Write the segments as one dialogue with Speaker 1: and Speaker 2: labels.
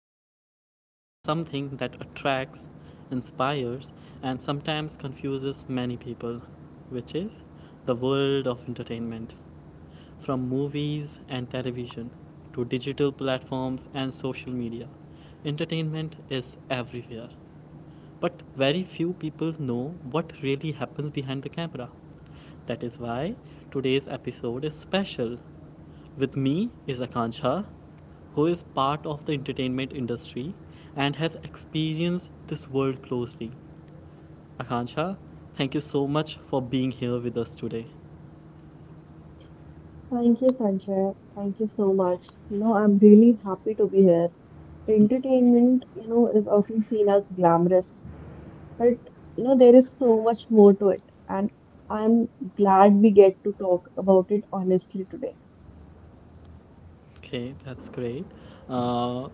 Speaker 1: today's topic is something that attracts, inspires, and sometimes confuses many people, which is the world of entertainment. From movies and television to digital platforms and social media, entertainment is everywhere. But very few people know what really happens behind the camera. That is why today's episode is special with me is Akanksha, who is part of the entertainment industry and has experienced this world closely. Akanksha, thank you so much for being here with us today.
Speaker 2: Thank you, Sanjay. Thank you so much. I'm really happy to be here. Entertainment, is often seen as glamorous, but there is so much more to it, and I'm glad we get to talk about it honestly today.
Speaker 1: Okay, that's great. Uh,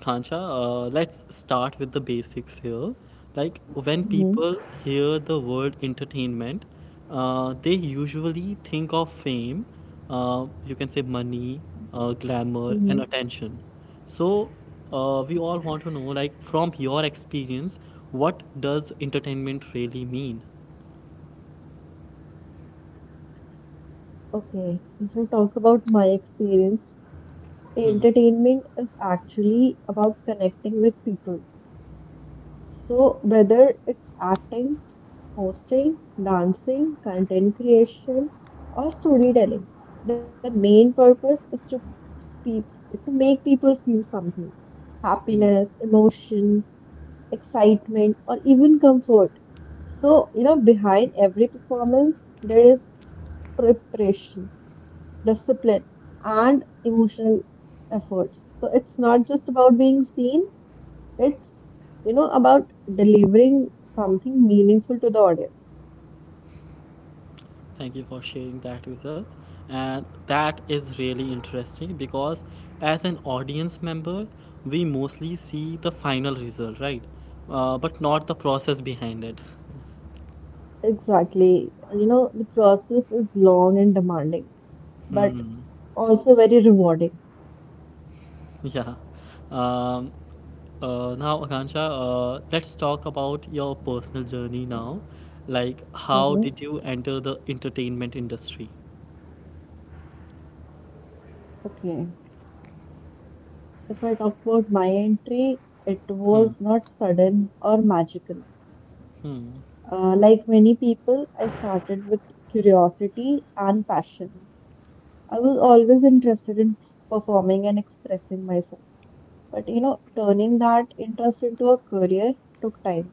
Speaker 1: Kancha, let's start with the basics here. Like when
Speaker 2: hmm
Speaker 1: people hear the word entertainment, they usually think of fame, you can say money, glamour,
Speaker 2: hmm
Speaker 1: and attention. So we all
Speaker 2: Yes.
Speaker 1: want to know, like from your experience, what does entertainment really mean?
Speaker 2: Okay, if we talk about my experience,
Speaker 1: Hmm.
Speaker 2: entertainment is actually about connecting with people. So, whether it's acting, hosting, dancing, content creation, or storytelling. The main purpose is pe- to make people feel something:
Speaker 1: Hmm.
Speaker 2: happiness, emotion, excitement, or even comfort. So, behind every performance, there is preparation, discipline, and emotional effort. So, it's not just about being seen, it's, about delivering something meaningful to the audience.
Speaker 1: Thank you for sharing that with us. And that is really interesting because as an audience member, we mostly see the final result, right? But not the process behind it.
Speaker 2: Exactly. The process is long and demanding, but
Speaker 1: Hmm.
Speaker 2: also very rewarding.
Speaker 1: Yeah. Um, now, Akansha, let's talk about your personal journey now. Like, how
Speaker 2: Mm-hmm.
Speaker 1: did you enter the entertainment industry?
Speaker 2: Okay. If I talk about my entry, it
Speaker 1: Hmm.
Speaker 2: was not sudden or magical.
Speaker 1: Hmm.
Speaker 2: Like many people, I started with curiosity and passion. I was always interested in performing and expressing myself. But turning that interest into a career took time.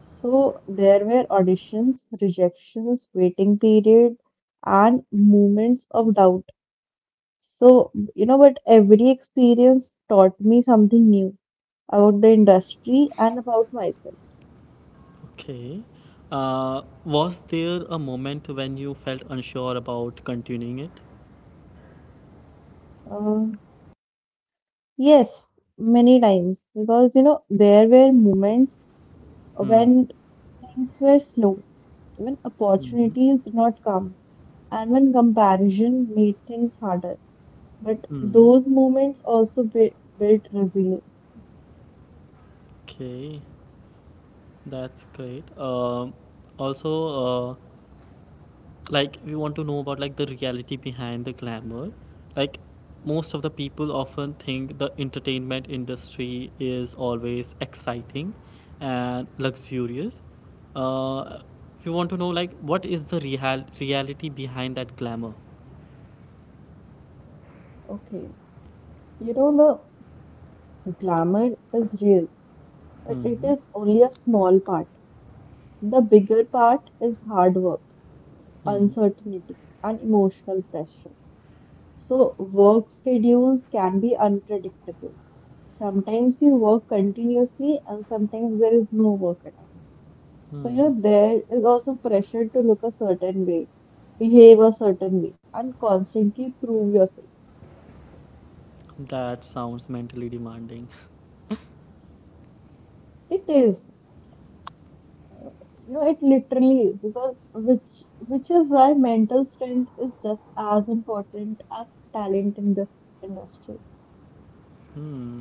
Speaker 2: So there were auditions, rejections, waiting period, and moments of doubt. So, but every experience taught me something new about the industry and about myself.
Speaker 1: Okay. Was there a moment when you felt unsure about continuing it?
Speaker 2: Uh, yes, many times because there were moments
Speaker 1: Hmm.
Speaker 2: when things were slow, when
Speaker 1: Hmm.
Speaker 2: opportunities did not come, and when comparison made things harder. But
Speaker 1: Hmm.
Speaker 2: those moments also build resilience.
Speaker 1: Okay. That's great. Also, uh, like we want to know about like the reality behind the glamour. Like most of the people often think the entertainment industry is always exciting and luxurious. Uh, we want to know like what is the real reality behind that glamour?
Speaker 2: Okay. You know, the glamour is real, but it
Speaker 1: Hmm.
Speaker 2: is only a small part. The bigger part is hard work,
Speaker 1: Hmm.
Speaker 2: uncertainty, and emotional pressure. So, work schedules can be unpredictable. Sometimes you work continuously, and sometimes there is no work at all. So,
Speaker 1: Hmm.
Speaker 2: there is also pressure to look a certain way, behave a certain way, and constantly prove yourself.
Speaker 1: That sounds mentally demanding.
Speaker 2: It is, it literally, because which is why mental strength is just as important as talent in this industry.
Speaker 1: Hmm.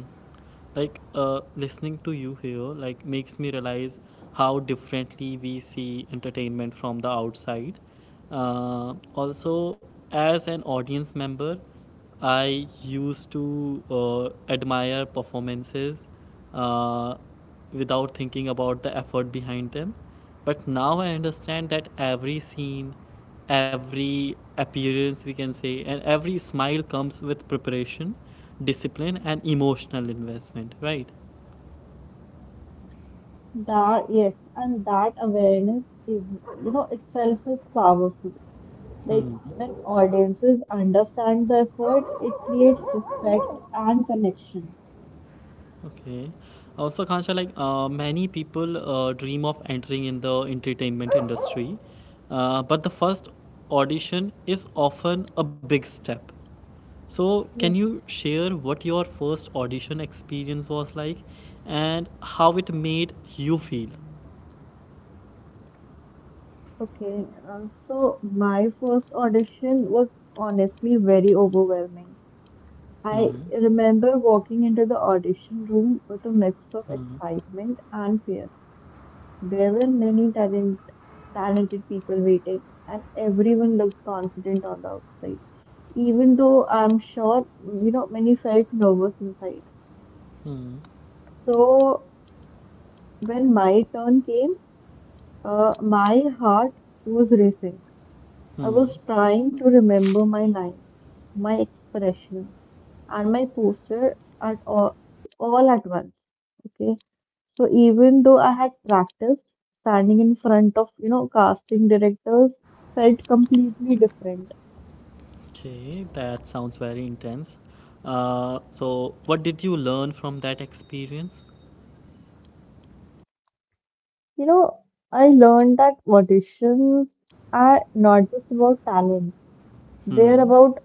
Speaker 1: Like listening to you here, like makes me realize how differently we see entertainment from the outside. Also, as an audience member, I used to admire performances uh, without thinking about the effort behind them. But now I understand that every scene, every appearance, we can say, and every smile comes with preparation, discipline, and emotional investment, right?
Speaker 2: That yes, and that awareness is, itself is powerful. Like
Speaker 1: Hmm.
Speaker 2: when audiences understand the effort, it creates respect and connection.
Speaker 1: Okay. Also, Kansha, like many people dream of entering in the entertainment industry, but the first audition is often a big step. So, can
Speaker 2: Yes.
Speaker 1: you share what your first audition experience was like and how it made you feel?
Speaker 2: Okay. So my first audition was honestly very overwhelming. I
Speaker 1: Hmm.
Speaker 2: remember walking into the audition room with a mix of
Speaker 1: Hmm.
Speaker 2: excitement and fear. There were many talented people waiting, and everyone looked confident on the outside. Even though I'm sure, many felt nervous inside.
Speaker 1: Hmm.
Speaker 2: So when my turn came, my heart was racing. I
Speaker 1: Hmm.
Speaker 2: was trying to remember my lines, my expressions, and my posture at all, all at once. Okay. So even though I had practiced, standing in front of, casting directors felt completely different.
Speaker 1: Okay, that sounds very intense. So, what did you learn from that experience?
Speaker 2: You know, I learned that auditions are not just about talent, they're
Speaker 1: Hmm.
Speaker 2: about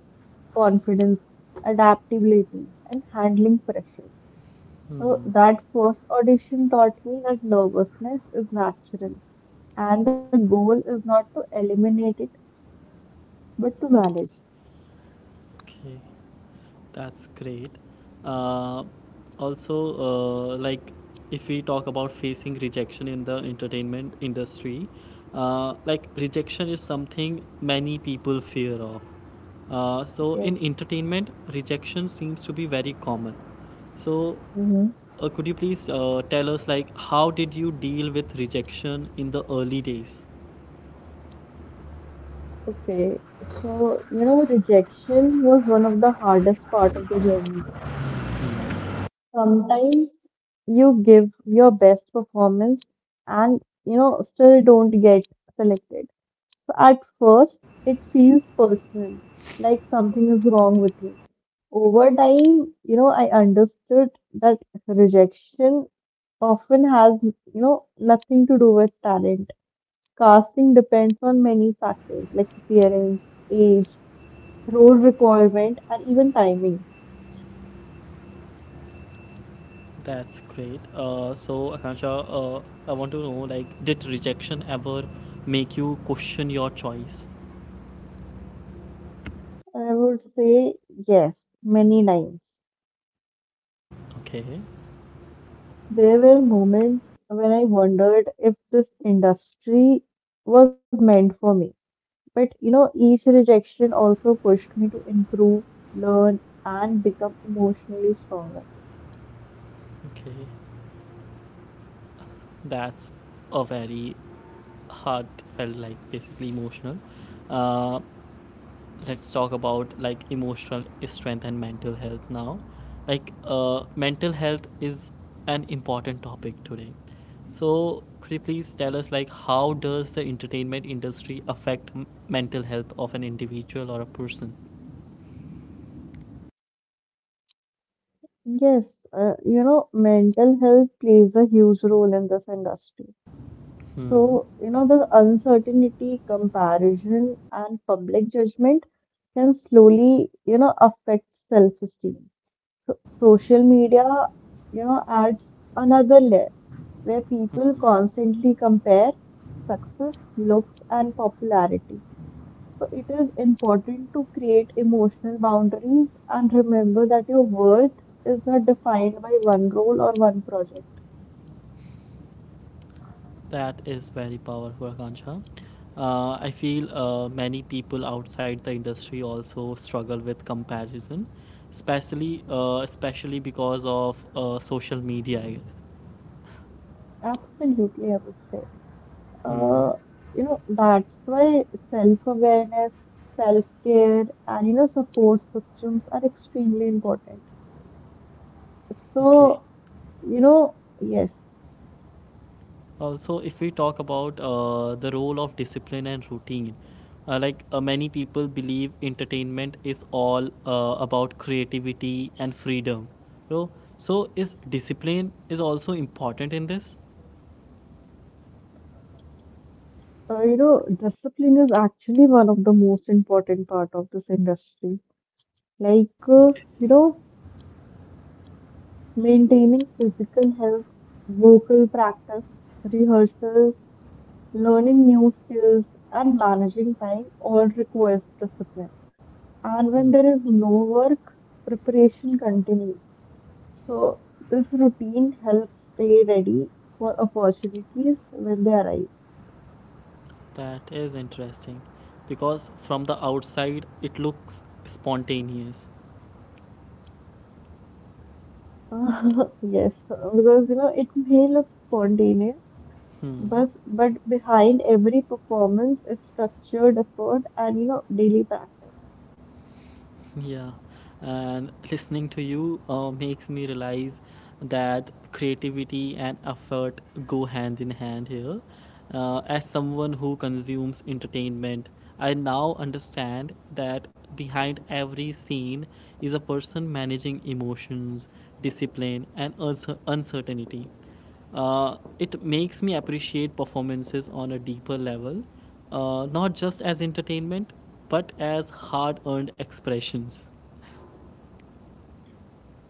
Speaker 2: confidence, adaptability, and handling pressure. So
Speaker 1: Hmm.
Speaker 2: that first audition taught me that nervousness is natural and the goal is not to eliminate it but to manage.
Speaker 1: Okay, that's great. Uh, also, like, if we talk about facing rejection in the entertainment industry, like, rejection is something many people fear of. So,
Speaker 2: Okay.
Speaker 1: in entertainment, rejection seems to be very common. So,
Speaker 2: Mm-hmm.
Speaker 1: Could you please tell us like how did you deal with rejection in the early days?
Speaker 2: Okay, so rejection was one of the hardest part of the journey. Sometimes you give your best performance and still don't get selected. So at first it feels personal, like something is wrong with you. Over time, I understood that rejection often has, nothing to do with talent. Casting depends on many factors like appearance, age, role requirement, and even timing.
Speaker 1: That's great. So Akansha, I want to know like did rejection ever make you question your choice?
Speaker 2: I would say yes, many times.
Speaker 1: Okay,
Speaker 2: There were moments when I wondered if this industry was meant for me. But each rejection also pushed me to improve, learn, and become emotionally stronger.
Speaker 1: okay, that's a very heartfelt like basically emotional. Uh, let's talk about like emotional strength and mental health now, like mental health is an important topic today, so could you please tell us like how does the entertainment industry affect mental health of an individual or a person?
Speaker 2: Yes, mental health plays a huge role in this industry.
Speaker 1: Hmm.
Speaker 2: So, the uncertainty, comparison, and public judgment can slowly, affect self-esteem. So, social media, adds another layer where people constantly compare success, looks, and popularity. So, it is important to create emotional boundaries and remember that your worth is not defined by one role or one project.
Speaker 1: That is very powerful, Akansha. I feel many people outside the industry also struggle with comparison, especially because of social media, I guess.
Speaker 2: Absolutely, I would say.
Speaker 1: Hmm.
Speaker 2: Uh, that's why self-awareness, self-care, and support systems are extremely important.
Speaker 1: Okay.
Speaker 2: So, yes,
Speaker 1: Also, if we talk about the role of discipline and routine, like many people believe entertainment is all about creativity and freedom. So, so is discipline is also important in this?
Speaker 2: discipline is actually one of the most important part of this industry. Like,
Speaker 1: Okay.
Speaker 2: you know, maintaining physical health, vocal practice, rehearsals, learning new skills, and managing time all requires discipline. And
Speaker 1: Hmm.
Speaker 2: when there is no work, preparation continues. So, this routine helps stay ready for opportunities when they arise.
Speaker 1: That is interesting because from the outside it looks spontaneous.
Speaker 2: Uh, yes, because it may look spontaneous,
Speaker 1: Hmm.
Speaker 2: but behind every performance is structured effort and daily practice.
Speaker 1: Yeah, and listening to you makes me realize that creativity and effort go hand in hand here. As someone who consumes entertainment, I now understand that behind every scene is a person managing emotions, discipline, and uncertainty. It makes me appreciate performances on a deeper level, not just as entertainment, but as hard earned expressions.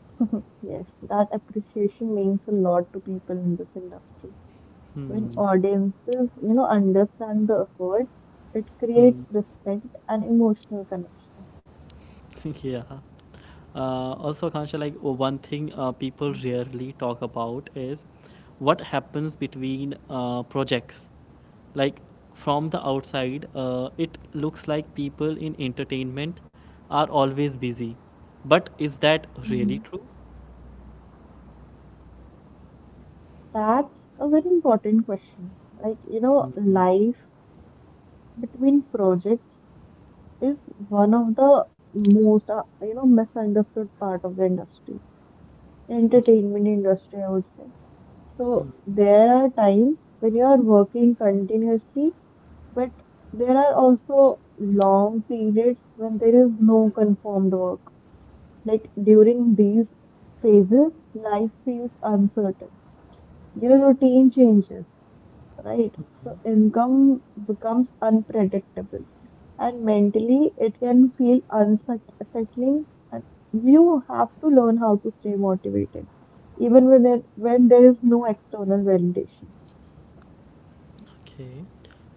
Speaker 2: Yes, that appreciation means a lot to people in this industry. When
Speaker 1: Hmm.
Speaker 2: audiences, understand the efforts, it
Speaker 1: Hmm.
Speaker 2: creates respect and emotional connection.
Speaker 1: Yeah. Also, Akansha, like one thing people rarely talk about is what happens between projects. Like from the outside, it looks like people in entertainment are always busy. But is that really
Speaker 2: Mhm.
Speaker 1: true?
Speaker 2: That's a very important question. Like,
Speaker 1: Hmm.
Speaker 2: life between projects is one of the most misunderstood part of the industry,
Speaker 1: Mm.
Speaker 2: entertainment industry, I would say. So
Speaker 1: Hmm.
Speaker 2: there are times when you are working continuously, but there are also long periods when there is no confirmed work. Like during these phases life feels uncertain, your routine changes, right? So income becomes unpredictable and mentally it can feel unsettling, and you have to learn how to stay motivated even when there is no external validation.
Speaker 1: Okay.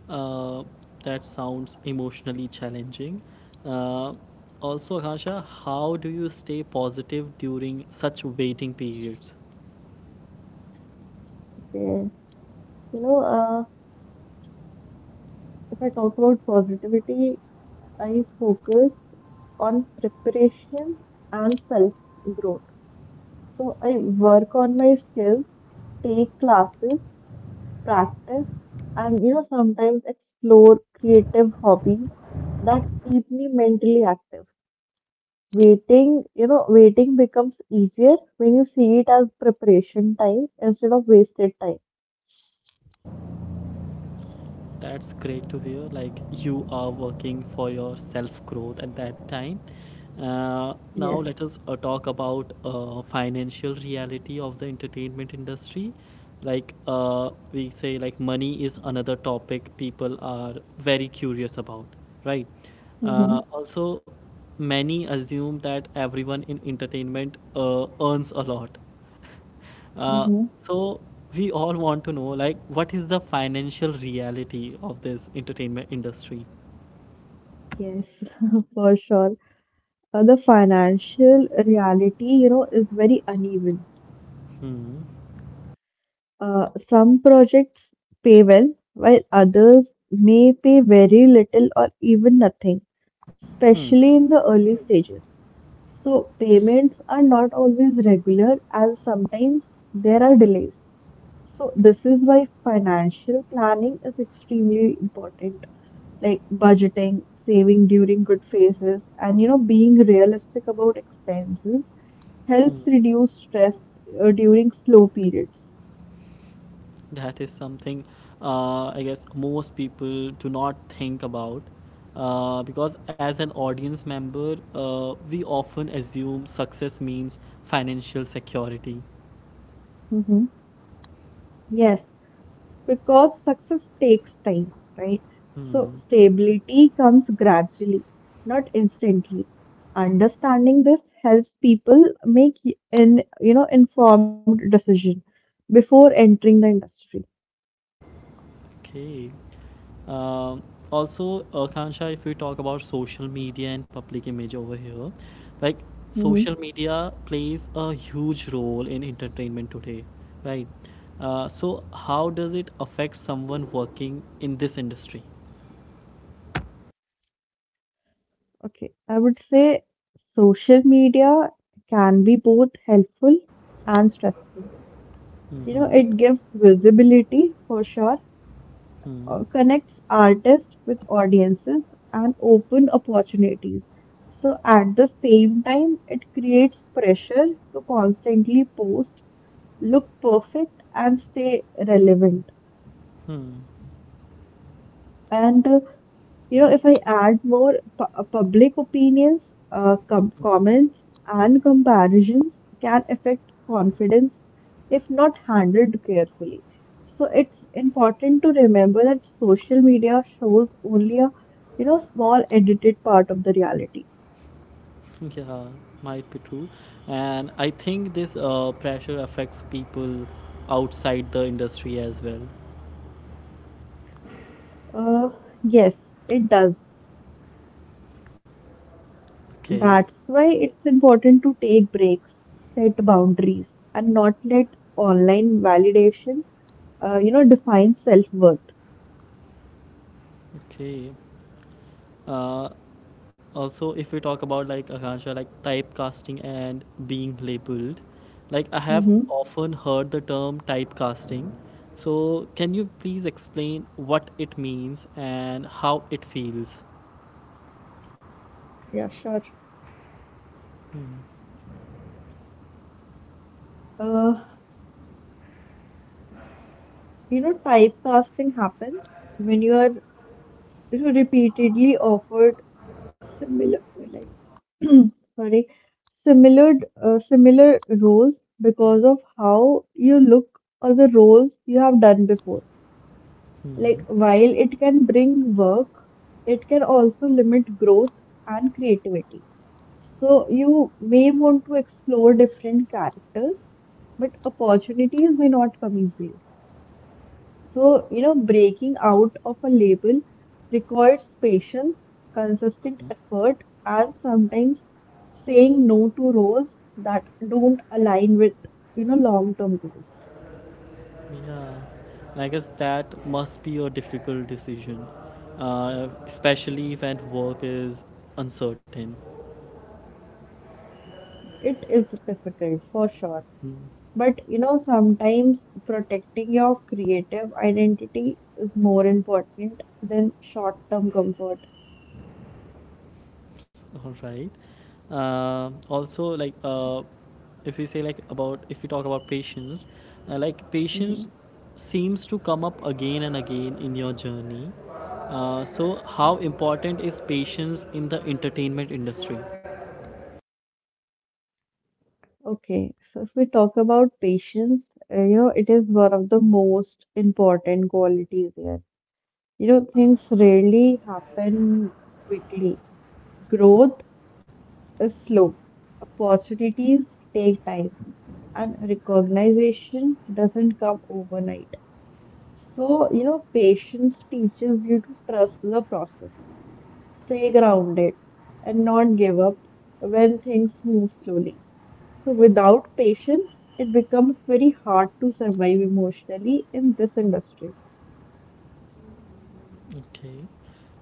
Speaker 1: Uh, that sounds emotionally challenging. Uh, also, Akasha, how do you stay positive during such waiting periods?
Speaker 2: Okay. You know, uh, if I talk about positivity, I focus on preparation and self growth. So I work on my skills, take classes, practice, and sometimes explore creative hobbies that keep me mentally active. Waiting becomes easier when you see it as preparation time instead of wasted time.
Speaker 1: That's great to hear, like you are working for your self growth at that time.
Speaker 2: Yes.
Speaker 1: Now let us talk about financial reality of the entertainment industry. Like we say like money is another topic people are very curious about, right? Uh,
Speaker 2: Mm-hmm.
Speaker 1: also, many assume that everyone in entertainment earns a lot. uh,
Speaker 2: Mm-hmm.
Speaker 1: so we all want to know like what is the financial reality of this entertainment industry?
Speaker 2: Yes. For sure. The financial reality, is very uneven.
Speaker 1: Hmm.
Speaker 2: Some projects pay well, while others may pay very little or even nothing,
Speaker 1: Hmm.
Speaker 2: especially in the early stages. So, payments are not always regular, and sometimes there are delays. So, this is why financial planning is extremely important, like budgeting, saving during good phases, and being realistic about expenses
Speaker 1: Hmm.
Speaker 2: helps reduce stress during slow periods.
Speaker 1: That is something I guess most people do not think about, because as an audience member, we often assume success means financial security.
Speaker 2: Hmm. Yes, because success takes time, right? So
Speaker 1: Hmm.
Speaker 2: stability comes gradually, not instantly. Understanding this helps people make an informed decision before entering the industry.
Speaker 1: Okay. Um, also, Kansha, if we talk about social media and public image over here, like social
Speaker 2: Mm-hmm.
Speaker 1: media plays a huge role in entertainment today, right? So, how does it affect someone working in this industry?
Speaker 2: Okay, I would say social media can be both helpful and stressful.
Speaker 1: Mm-hmm.
Speaker 2: It gives visibility for sure,
Speaker 1: Hmm.
Speaker 2: connects artists with audiences, and open opportunities. So at the same time, it creates pressure to constantly post, look perfect, and stay relevant.
Speaker 1: Hmm.
Speaker 2: And if I add more public opinions, comments, and comparisons can affect confidence if not handled carefully. So it's important to remember that social media shows only a, small edited part of the reality.
Speaker 1: Yeah, might be true. And I think this pressure affects people outside the industry as well.
Speaker 2: Uh, yes, it does.
Speaker 1: Okay.
Speaker 2: That's why it's important to take breaks, set boundaries, and not let online validation, define self-worth.
Speaker 1: Okay. Uh, also, if we talk about like, Akansha, like typecasting and being labeled, like I have
Speaker 2: Mhm.
Speaker 1: often heard the term typecasting, so can you please explain what it means and how it feels?
Speaker 2: Yeah, sure.
Speaker 1: Hmm.
Speaker 2: Uh, typecasting happens when you are repeatedly offered similar, like, sorry, similar, similar roles because of how you look or the roles you have done before.
Speaker 1: Hmm.
Speaker 2: Like, while it can bring work, it can also limit growth and creativity. So you may want to explore different characters, but opportunities may not come easily. So, breaking out of a label requires patience, consistent effort, and sometimes saying no to roles that don't align with, long-term goals.
Speaker 1: Yeah, and I guess that must be a difficult decision, especially when work is uncertain.
Speaker 2: It is difficult for sure.
Speaker 1: Hmm.
Speaker 2: But, sometimes protecting your creative identity is more important than short-term comfort.
Speaker 1: All right. Also like if we say like about, if we talk about patience, like patience
Speaker 2: Hmm.
Speaker 1: seems to come up again and again in your journey. So how important is patience in the entertainment industry?
Speaker 2: Okay, so if we talk about patience, it is one of the most important qualities here. Things rarely happen quickly. Growth is slow, opportunities take time, and recognition doesn't come overnight. So, patience teaches you to trust the process, stay grounded, and not give up when things move slowly. So, without patience, it becomes very hard to survive emotionally in this industry.
Speaker 1: Okay.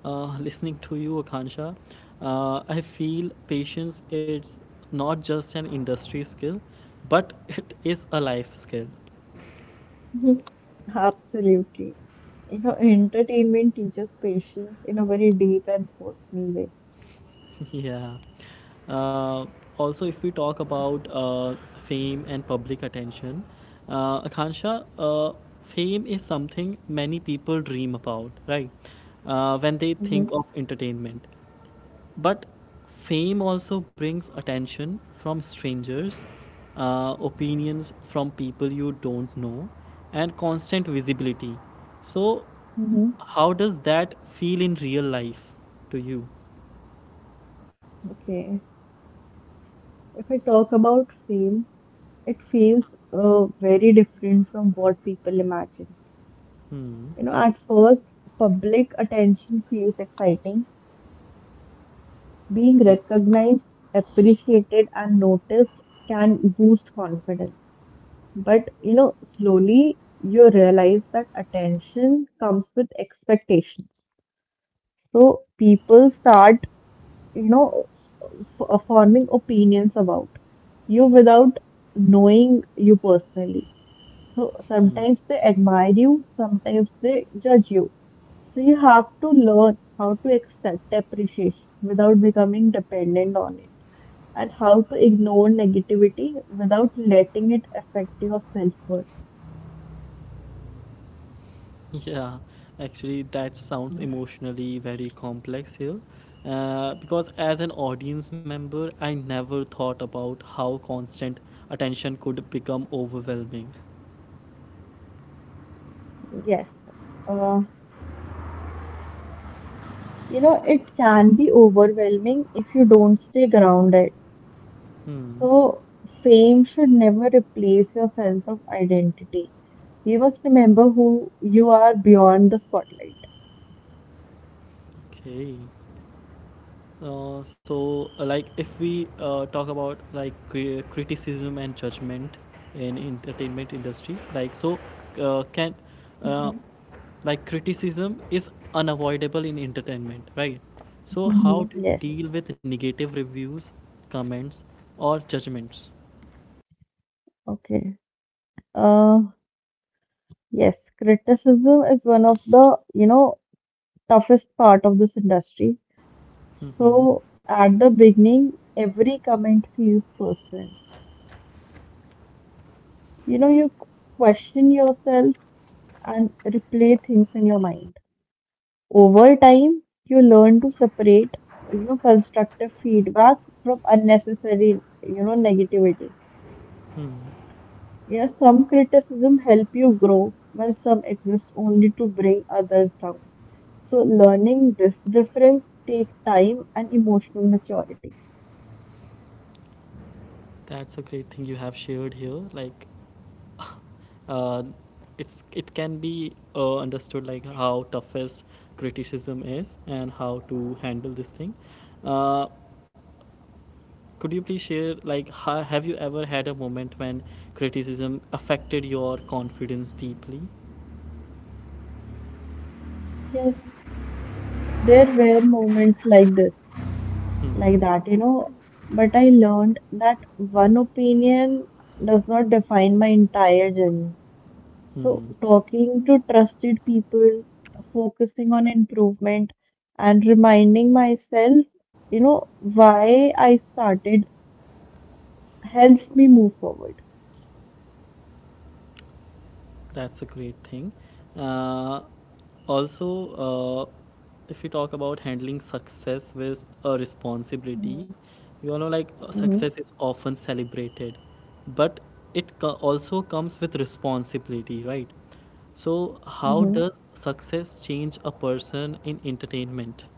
Speaker 1: listening to you, Akansha, I feel patience is not just an industry skill, but it is a life skill.
Speaker 2: Mhm. Absolutely. Entertainment teaches patience in a very deep and personal way.
Speaker 1: Yeah. Uh, also, if we talk about fame and public attention, Akansha, fame is something many people dream about, right? When they
Speaker 2: Mm-hmm.
Speaker 1: think of entertainment. But fame also brings attention from strangers, opinions from people you don't know, and constant visibility. So,
Speaker 2: Mm-hmm.
Speaker 1: how does that feel in real life to you?
Speaker 2: Okay. If I talk about fame, it feels very different from what people imagine.
Speaker 1: Hmm.
Speaker 2: At first, public attention feels exciting. Being recognized, appreciated, and noticed can boost confidence. But, slowly you realize that attention comes with expectations. So people start, you know, forming opinions about you without knowing you personally. So sometimes they admire you, sometimes they judge you. So you have to learn how to accept appreciation without becoming dependent on it, and how to ignore negativity without letting it affect your self-worth.
Speaker 1: Yeah, actually, that sounds emotionally very complex here. Because as an audience member, I never thought about how constant attention could become overwhelming.
Speaker 2: Yes. Uh, it can be overwhelming if you don't stay grounded.
Speaker 1: Hmm.
Speaker 2: So, fame should never replace your sense of identity. You must remember who you are beyond the spotlight.
Speaker 1: Okay. So, like, if we talk about like criticism and judgment in entertainment industry, like, so can uh,
Speaker 2: Mhm,
Speaker 1: like, criticism is unavoidable in entertainment, right? So how
Speaker 2: mhm,
Speaker 1: do you
Speaker 2: yes.
Speaker 1: deal with negative reviews, comments or judgments?
Speaker 2: Okay. Uh, yes, criticism is one of the, toughest part of this industry.
Speaker 1: Hmm.
Speaker 2: So at the beginning, every comment feels personal. You question yourself and replay things in your mind. Over time, you learn to separate, constructive feedback from unnecessary, negativity.
Speaker 1: Hmm.
Speaker 2: Yes, some criticism help you grow, while some exist only to bring others down. So learning this difference take time and emotional maturity.
Speaker 1: That's a great thing you have shared here. Like, uh, it's, it can be understood like how toughest criticism is and how to handle this thing. Uh, could you please share like have you ever had a moment when criticism affected your confidence deeply?
Speaker 2: Yes, there were moments like this, like
Speaker 1: Hmm.
Speaker 2: that, but I learned that one opinion does not define my entire journey. So,
Speaker 1: Hmm.
Speaker 2: talking to trusted people, focusing on improvement, and reminding myself, why I started helps me move forward.
Speaker 1: That's a great thing. Uh, also, uh, if we talk about handling success with a
Speaker 2: hmm
Speaker 1: responsibility, you all know like
Speaker 2: hmm
Speaker 1: success is often celebrated, but also comes with responsibility, right? So, how
Speaker 2: hmm
Speaker 1: does success change a person in entertainment?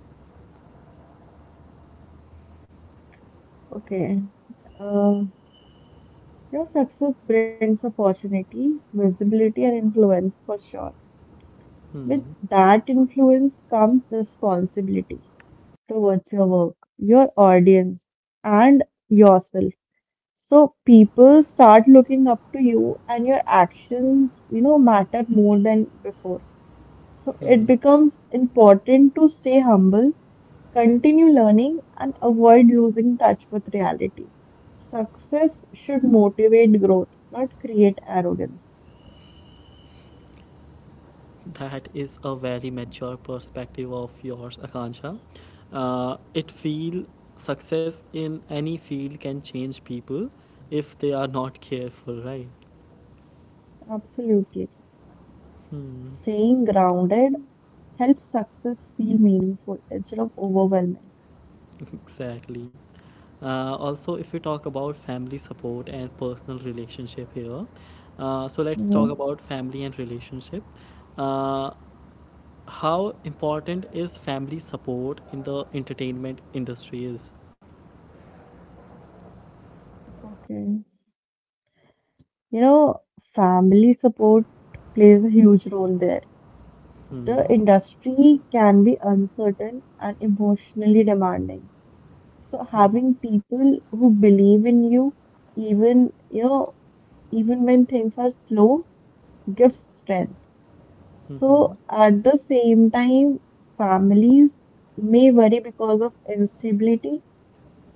Speaker 2: Okay. Uh, your success brings opportunity, visibility, and influence for sure. With
Speaker 1: Hmm.
Speaker 2: that influence comes responsibility towards your work, your audience, and yourself. So people start looking up to you, and your actions, matter more than before. So it
Speaker 1: Hmm.
Speaker 2: becomes important to stay humble, continue learning, and avoid losing touch with reality. Success should motivate growth, not create arrogance.
Speaker 1: That is a very mature perspective of yours, Akansha. It feel success in any field can change people if they are not careful, right?
Speaker 2: Absolutely. Staying
Speaker 1: Hmm.
Speaker 2: grounded helps success feel meaningful instead of overwhelming.
Speaker 1: Exactly. Also, if we talk about family support and personal relationship here, so let's talk
Speaker 2: Mhm.
Speaker 1: about family and relationship. Uh, how important is family support in the entertainment industry? Is
Speaker 2: Okay. You know, family support plays a huge role there. The
Speaker 1: hmm.
Speaker 2: industry can be uncertain and emotionally demanding. So
Speaker 1: Hmm.
Speaker 2: having people who believe in you, even even when things are slow, gives strength.
Speaker 1: Hmm. Hmm.
Speaker 2: So at the same time, families may worry because of instability.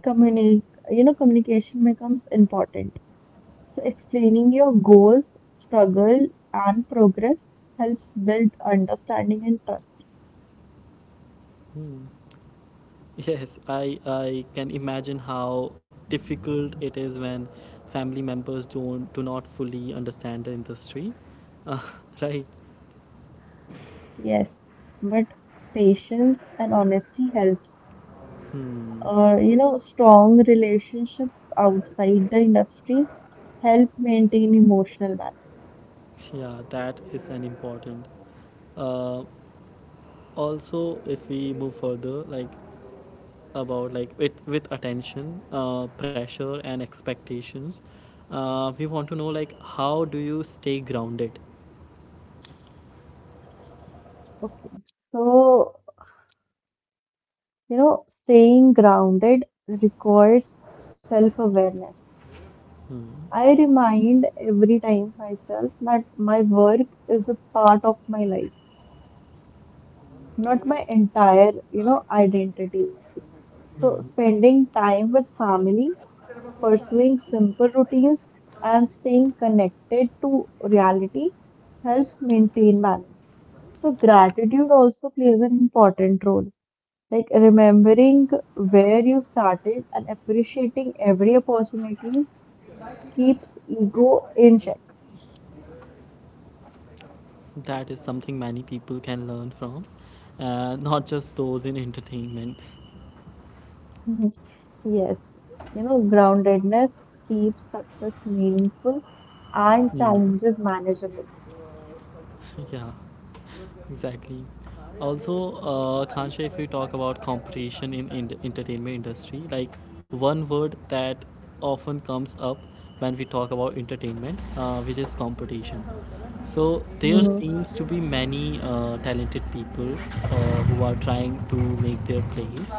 Speaker 2: Communi Communication becomes important. So explaining your goals, struggle, and progress helps build understanding and trust.
Speaker 1: Hmm. Yes, I can imagine how difficult it is when family members don't do not fully understand the industry. Uh, right.
Speaker 2: Yes, but patience and honesty helps.
Speaker 1: Hmm.
Speaker 2: You know, strong relationships outside the industry help maintain emotional balance.
Speaker 1: Yeah, that is an important. Uh, also, if we move further, like about like with attention, pressure and expectations, we want to know like how do you stay grounded?
Speaker 2: Okay, so you know, staying grounded requires self-awareness.
Speaker 1: Hmm.
Speaker 2: I remind every time myself that my work is a part of my life, not my entire, identity. So spending time with family, pursuing simple routines and staying connected to reality helps maintain balance. So, gratitude also plays an important role, like remembering where you started and appreciating every opportunity keeps ego in check.
Speaker 1: That is something many people can learn from, not just those in entertainment.
Speaker 2: Mhm. Yes, you know, groundedness keeps success meaningful and
Speaker 1: Hmm.
Speaker 2: challenges manageable.
Speaker 1: Yeah, exactly. Also, Kansha, if we talk about competition in entertainment industry, like one word that often comes up when we talk about entertainment, which is competition. So there seems to be many talented people who are trying to make their plays.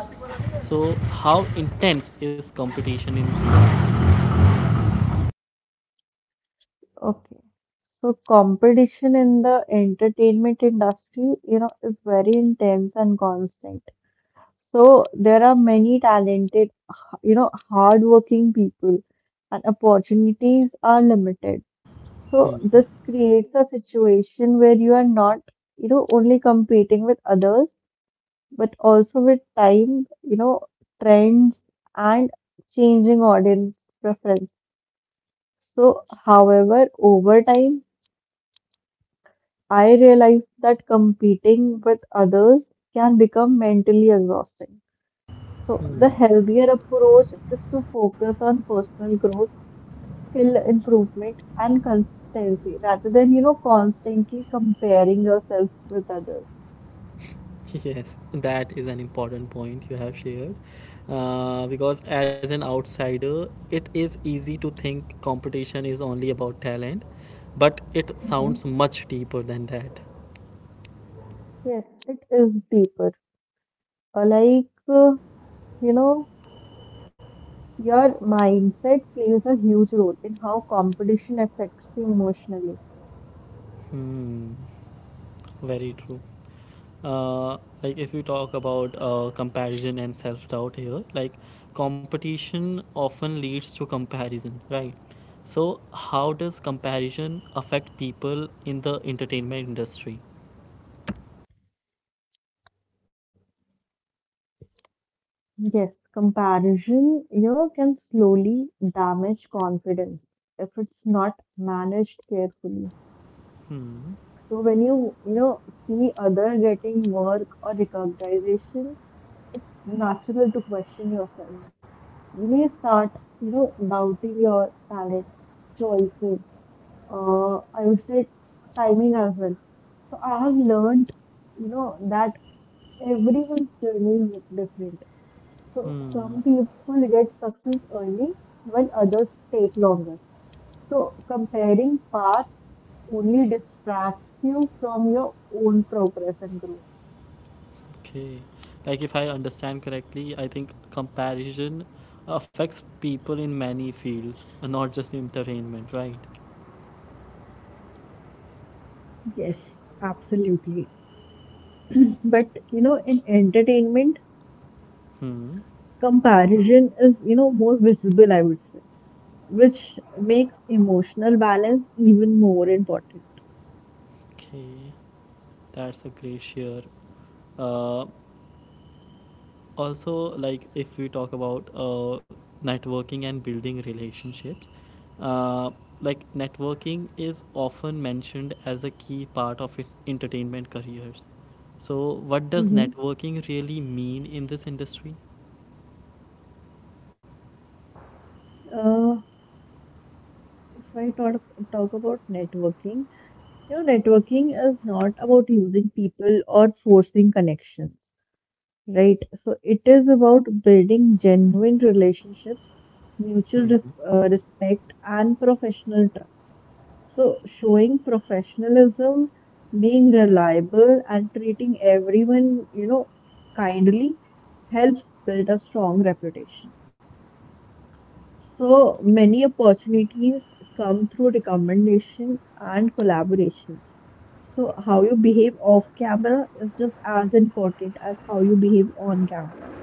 Speaker 1: So how intense is competition in real life?
Speaker 2: Okay. So competition in the entertainment industry, you know, is very intense and constant. So there are many talented, hardworking people, and opportunities are limited. So this creates a situation where you are not, you know, only competing with others, but also with time, trends and changing audience preference. So, however, over time, I realized that competing with others can become mentally exhausting. So, the
Speaker 1: Mm.
Speaker 2: healthier approach is to focus on personal growth, skill improvement, and consistency rather than, constantly comparing yourself with others.
Speaker 1: Yes, that is an important point you have shared. Because as an outsider, it is easy to think competition is only about talent, but it sounds
Speaker 2: hmm
Speaker 1: much deeper than that.
Speaker 2: Yes, it is deeper. Like, you know, your mindset plays a huge role in how competition affects you emotionally.
Speaker 1: Hmm, very true. Uh, like if we talk about comparison and self doubt here, like competition often leads to comparison, right? So, how does comparison affect people in the entertainment industry?
Speaker 2: Yes, comparison, you know, can slowly damage confidence if it's not managed carefully.
Speaker 1: Hmm.
Speaker 2: So when you know, see other getting work or recognition, it's natural to question yourself. You may start, doubting your talent, choices, I would say timing as well. So I have learned, that everyone's journey is different. So
Speaker 1: Hmm.
Speaker 2: some people get success early while others take longer. So comparing paths only distracts you from your own progress and growth.
Speaker 1: Okay. Like, if I understand correctly, I think comparison affects people in many fields, not just entertainment, right?
Speaker 2: Yes, absolutely. But you know, in entertainment,
Speaker 1: Hmm.
Speaker 2: comparison is, more visible, I would say, which makes emotional balance even more important.
Speaker 1: Okay. That's a great share. Uh, also, if we talk about networking and building relationships, uh, networking is often mentioned as a key part of entertainment careers. So, what does
Speaker 2: hmm
Speaker 1: networking really mean in this industry?
Speaker 2: Uh, if I talk about networking, you know, networking is not about using people or forcing connections, right? So it is about building genuine relationships, mutual ref respect, and professional trust. So showing professionalism, being reliable, and treating everyone, kindly helps build a strong reputation. So many opportunities come through recommendation and collaborations. So how you behave off camera is just as important as how you behave on camera.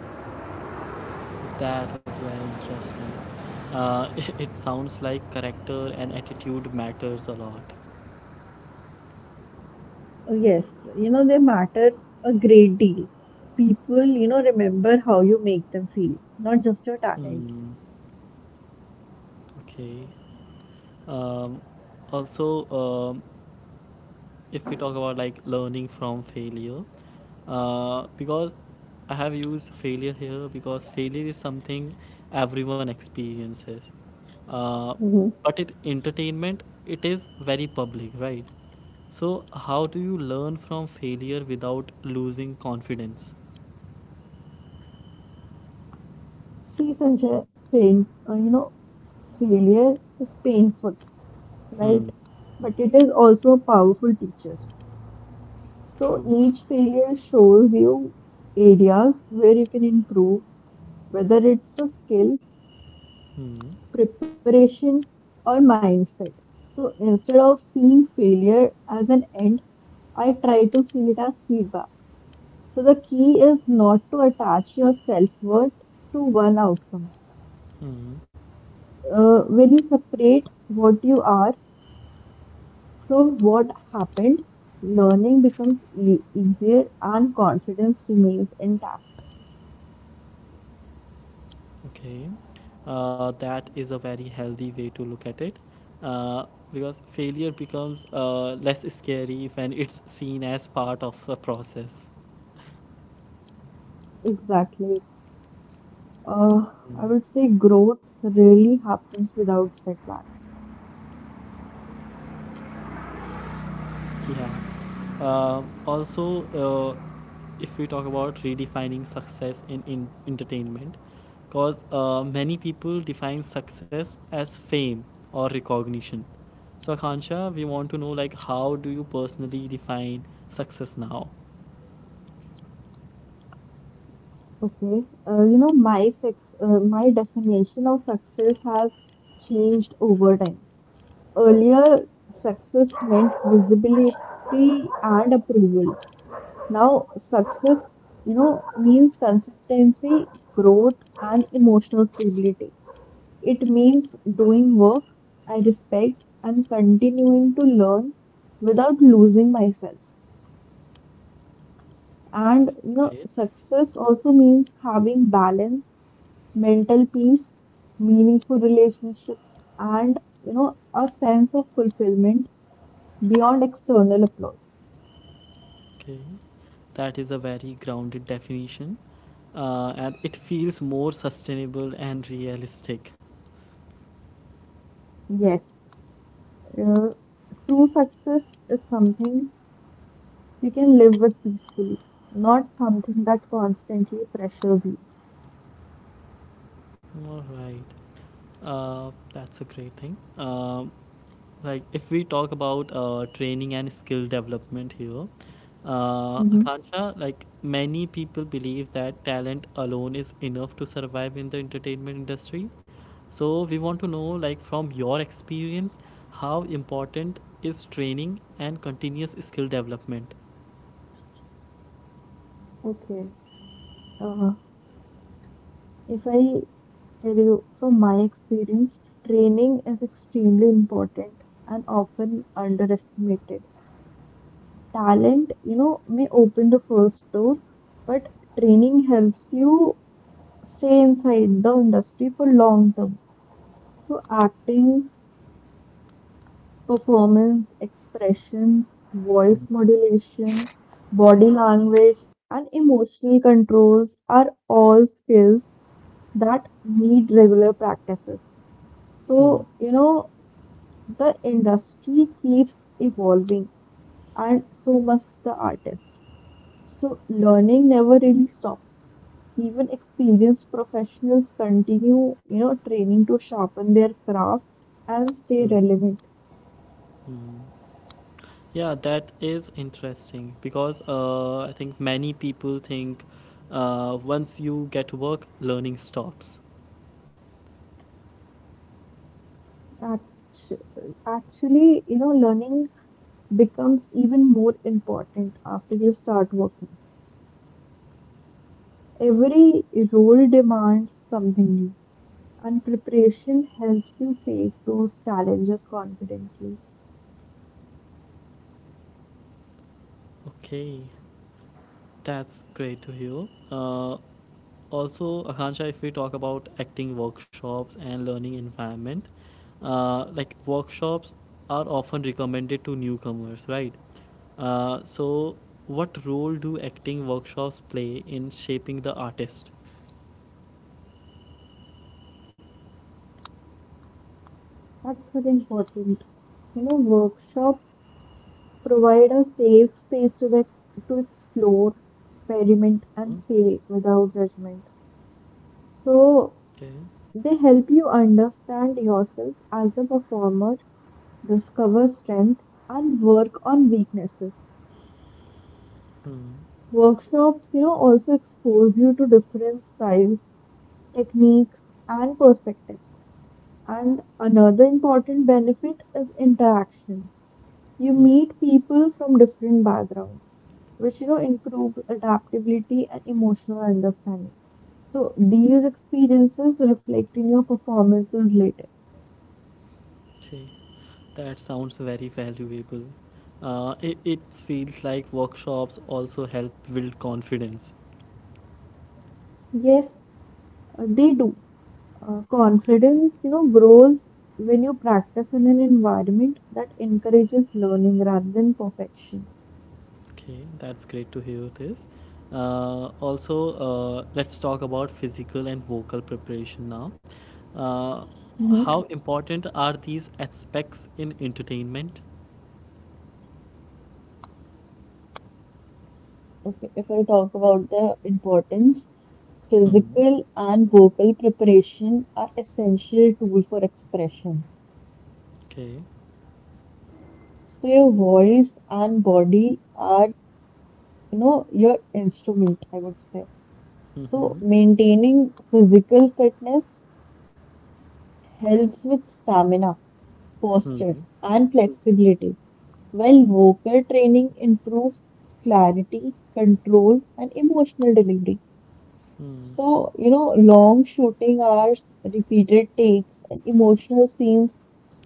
Speaker 1: That is very interesting. Uh, it sounds like character and attitude matters a lot.
Speaker 2: So, yes, you know, they matter a great deal. People, remember how you make them feel, not just your talent.
Speaker 1: Hmm. Okay. Um, also, um, if we talk about like learning from failure because I have used failure here because failure is something everyone experiences, uh,
Speaker 2: Mhm.
Speaker 1: but it entertainment, it is very public, right? So how do you learn from failure without losing confidence?
Speaker 2: See, Sanjay, you know, failure is painful, right?
Speaker 1: Hmm.
Speaker 2: But it is also a powerful teacher. So
Speaker 1: True.
Speaker 2: each failure shows you areas where you can improve, whether it's a skill,
Speaker 1: Hmm.
Speaker 2: preparation, or mindset. So instead of seeing failure as an end, I try to see it as feedback. So the key is not to attach your self-worth to one outcome.
Speaker 1: Hmm.
Speaker 2: When you separate what you are from what happened, learning becomes easier and confidence remains intact.
Speaker 1: Okay. That is a very healthy way to look at it, uh, because failure becomes less scary when it's seen as part of a process.
Speaker 2: Exactly. Uh, I would say growth really happens without setbacks.
Speaker 1: Yeah. Also If we talk about redefining success in entertainment, because many people define success as fame or recognition, so Akansha, we want to know, like, how do you personally define success now?
Speaker 2: Okay. My definition of success has changed over time. Earlier, success meant visibility and approval. Now, success, means consistency, growth, and emotional stability. It means doing work I respect and continuing to learn without losing myself. And
Speaker 1: That's
Speaker 2: you know,
Speaker 1: great.
Speaker 2: success also means having balance, mental peace, meaningful relationships, and you know, a sense of fulfillment beyond external applause.
Speaker 1: Okay, that is a very grounded definition, and it feels more sustainable and realistic.
Speaker 2: Yes, uh, true success is something you can live with peacefully, not something that constantly pressures you.
Speaker 1: All right, that's a great thing. Like, if we talk about training and skill development here,
Speaker 2: hmm
Speaker 1: Akansha, like many people believe that talent alone is enough to survive in the entertainment industry. So we want to know, like, from your experience, how important is training and continuous skill development?
Speaker 2: Okay. Uh-huh. If I tell you from my experience, training is extremely important and often underestimated. Talent, you know, may open the first door, but training helps you stay inside the industry for long term. So acting, performance, expressions, voice
Speaker 1: Mm.
Speaker 2: modulation, body language, and emotional controls are all skills that need regular practices.
Speaker 1: Hmm.
Speaker 2: So, the industry keeps evolving, and so must the artist. So, learning never really stops. Even experienced professionals continue, training to sharpen their craft and stay
Speaker 1: Hmm.
Speaker 2: relevant.
Speaker 1: Hmm. Yeah, that is interesting because I think many people think once you get work, learning stops.
Speaker 2: Actu- Actually, you know, learning becomes even more important after you start working. Every role demands something new, and preparation helps you face those challenges confidently.
Speaker 1: Okay, that's great to hear. Akansha, if we talk about acting workshops and learning environment, like workshops are often recommended to newcomers, right? So, what role do acting workshops play in shaping the artist?
Speaker 2: That's very important. You know, workshop provide a safe space to explore, experiment,
Speaker 1: Hmm.
Speaker 2: and fail without judgment. So
Speaker 1: Okay.
Speaker 2: they help you understand yourself as a performer, discover strength, and work on weaknesses.
Speaker 1: Hmm.
Speaker 2: Workshops, you know, also expose you to different styles, techniques, and perspectives. And another important benefit is interaction. You
Speaker 1: Hmm.
Speaker 2: meet people from different backgrounds, which you know improve adaptability and emotional understanding. So these experiences reflect in your performances later.
Speaker 1: Okay, that sounds very valuable. It feels like workshops also help build confidence.
Speaker 2: Yes, they do.
Speaker 1: Okay.
Speaker 2: Confidence, you know, grows when you practice in an environment that encourages learning rather than perfection.
Speaker 1: Okay, that's great to hear this. Uh, also, let's talk about physical and vocal preparation now. Uh,
Speaker 2: hmm
Speaker 1: how important are these aspects in entertainment?
Speaker 2: Okay, if I talk about the importance,
Speaker 1: Hmm.
Speaker 2: physical and vocal preparation are essential tool for expression.
Speaker 1: Okay.
Speaker 2: So your voice and body are, your instrument, I would say. So
Speaker 1: Mm-hmm.
Speaker 2: maintaining physical fitness helps with stamina, posture,
Speaker 1: Hmm.
Speaker 2: and flexibility, while vocal training improves clarity, control, and emotional delivery.
Speaker 1: Hmm.
Speaker 2: So, long shooting hours, repeated takes, and emotional scenes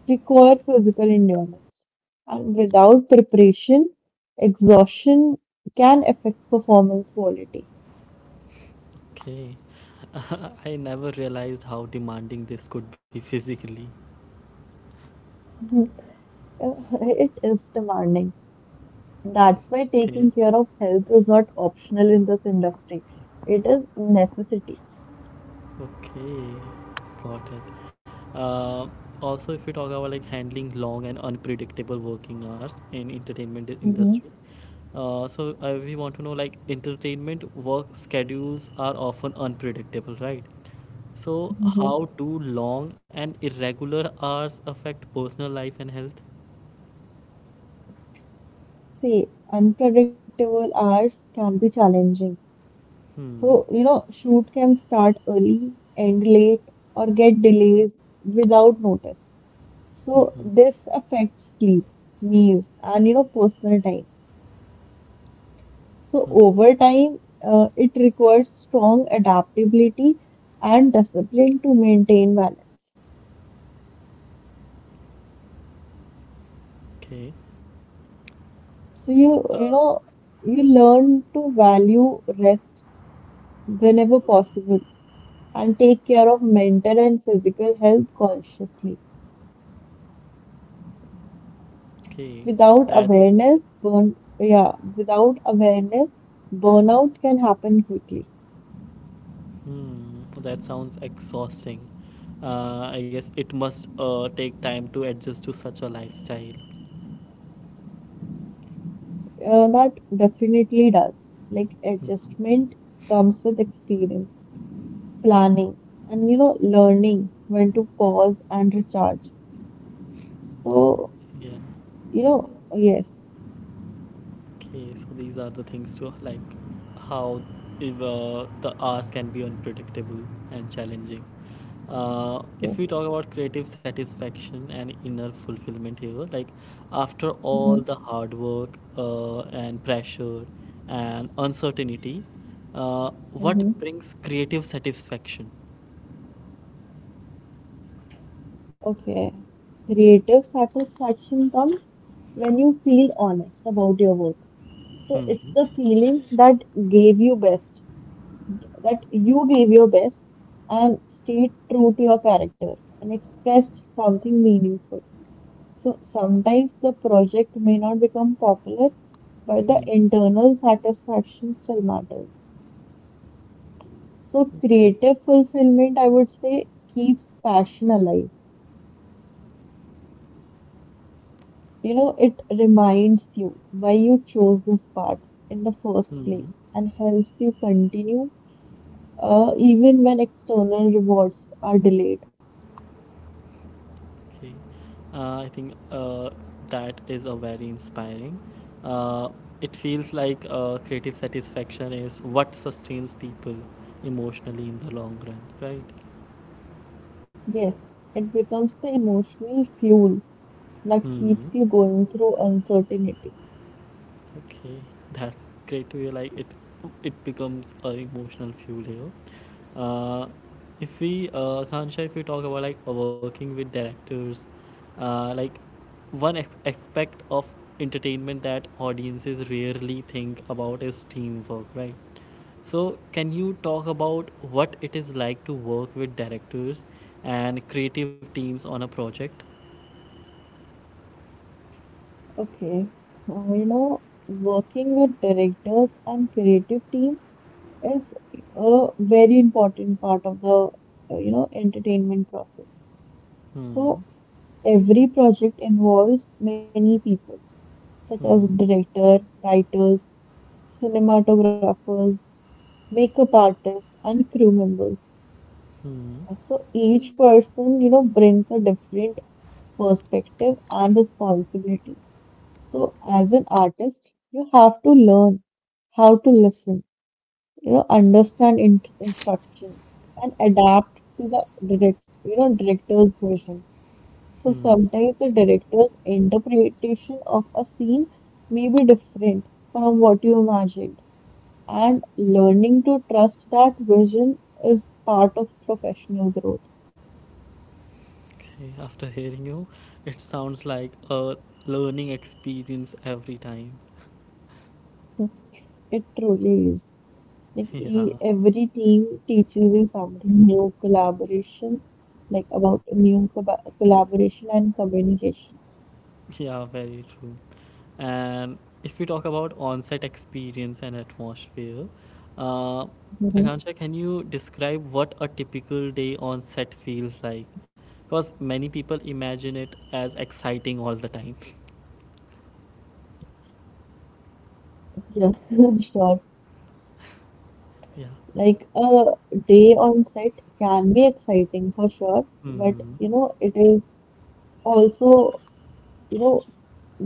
Speaker 2: require physical endurance, and without preparation, exhaustion can affect performance quality.
Speaker 1: Okay. I never realized how demanding this could be physically.
Speaker 2: Mhm. Uh, It is demanding. That's why
Speaker 1: Okay.
Speaker 2: taking care of health is not optional in this industry. It is necessity.
Speaker 1: Okay, got it. Uh, if we talk about like handling long and unpredictable working hours in entertainment
Speaker 2: hmm
Speaker 1: industry, we want to know, like, entertainment work schedules are often unpredictable, right? So,
Speaker 2: hmm
Speaker 1: how do long and irregular hours affect personal life and health?
Speaker 2: See, unpredictable hours can be challenging.
Speaker 1: Hmm.
Speaker 2: So, shoot can start early, end late, or get delays without notice. So
Speaker 1: Mm-hmm.
Speaker 2: this affects sleep, meals, and you know personal time. So
Speaker 1: Hmm.
Speaker 2: over time, it requires strong adaptability and discipline to maintain balance.
Speaker 1: Okay.
Speaker 2: So you you
Speaker 1: Uh,
Speaker 2: know you learn to value rest whenever possible and take care of mental and physical health consciously.
Speaker 1: okay. That's
Speaker 2: Without awareness, burnout can happen quickly.
Speaker 1: Hmm, that sounds exhausting. I guess it must take time to adjust to such a lifestyle.
Speaker 2: That definitely does. Like
Speaker 1: Hmm.
Speaker 2: adjustment comes with experience, planning, and you know, learning when to pause and recharge. So,
Speaker 1: Yeah.
Speaker 2: yes,
Speaker 1: Okay, so these are the things to like how if, the hours can be unpredictable and challenging. If we
Speaker 2: yes.
Speaker 1: talk about creative satisfaction and inner fulfillment here, like after all
Speaker 2: Mm-hmm.
Speaker 1: the hard work and pressure and uncertainty, what
Speaker 2: Mm-hmm.
Speaker 1: brings creative satisfaction?
Speaker 2: Okay. Creative satisfaction comes when you feel honest about your work. So
Speaker 1: Hmm.
Speaker 2: it's
Speaker 1: Hmm.
Speaker 2: the feeling that gave you best, that you gave your best and stayed true to your character and expressed something meaningful. So sometimes the project may not become popular, but the
Speaker 1: Hmm.
Speaker 2: internal satisfaction still matters. So
Speaker 1: Okay.
Speaker 2: creative fulfillment, I would say, keeps passion alive. You know, it reminds you why you chose this path in the first
Speaker 1: Hmm.
Speaker 2: place and helps you continue even when external rewards are delayed.
Speaker 1: Okay. I think that is a very inspiring. Uh, it feels like creative satisfaction is what sustains people emotionally in the long run, right?
Speaker 2: Yes, it becomes the emotional fuel that
Speaker 1: Hmm.
Speaker 2: keeps you going through uncertainty.
Speaker 1: Okay, that's great to hear. It becomes a emotional fuel here. Uh, if we, Khansha, if we talk about like working with directors, uh, like aspect of entertainment that audiences rarely think about is teamwork, right? So, can you talk about what it is like to work with directors and creative teams on a project?
Speaker 2: Okay, you know, working with directors and creative team is a very important part of the, you know, entertainment process.
Speaker 1: Hmm.
Speaker 2: So, every project involves many people, such as
Speaker 1: Hmm.
Speaker 2: director, writers, cinematographers, makeup artists, and crew members.
Speaker 1: Hmm. Hmm.
Speaker 2: So each person, you know, brings a different perspective and responsibility. So as an artist, you have to learn how to listen, you know, understand in instruction and adapt to the director's version. So
Speaker 1: Hmm.
Speaker 2: sometimes the director's interpretation of a scene may be different from what you imagined, and learning to trust that vision is part of professional growth.
Speaker 1: Okay, after hearing you, it sounds like a learning experience every time.
Speaker 2: Hmm. It truly is. Like e
Speaker 1: Yeah,
Speaker 2: every team teaches you something new, collaboration, like about new co collaboration and communication.
Speaker 1: yeah, very true. And if we talk about on-set experience and atmosphere, uh, Akansha, can you describe what a typical day on set feels like? Because many people imagine it as exciting all the time.
Speaker 2: Yeah, sure.
Speaker 1: Yeah.
Speaker 2: Like a day on set can be exciting for sure, but
Speaker 1: Hmm.
Speaker 2: you know, it is also, you know,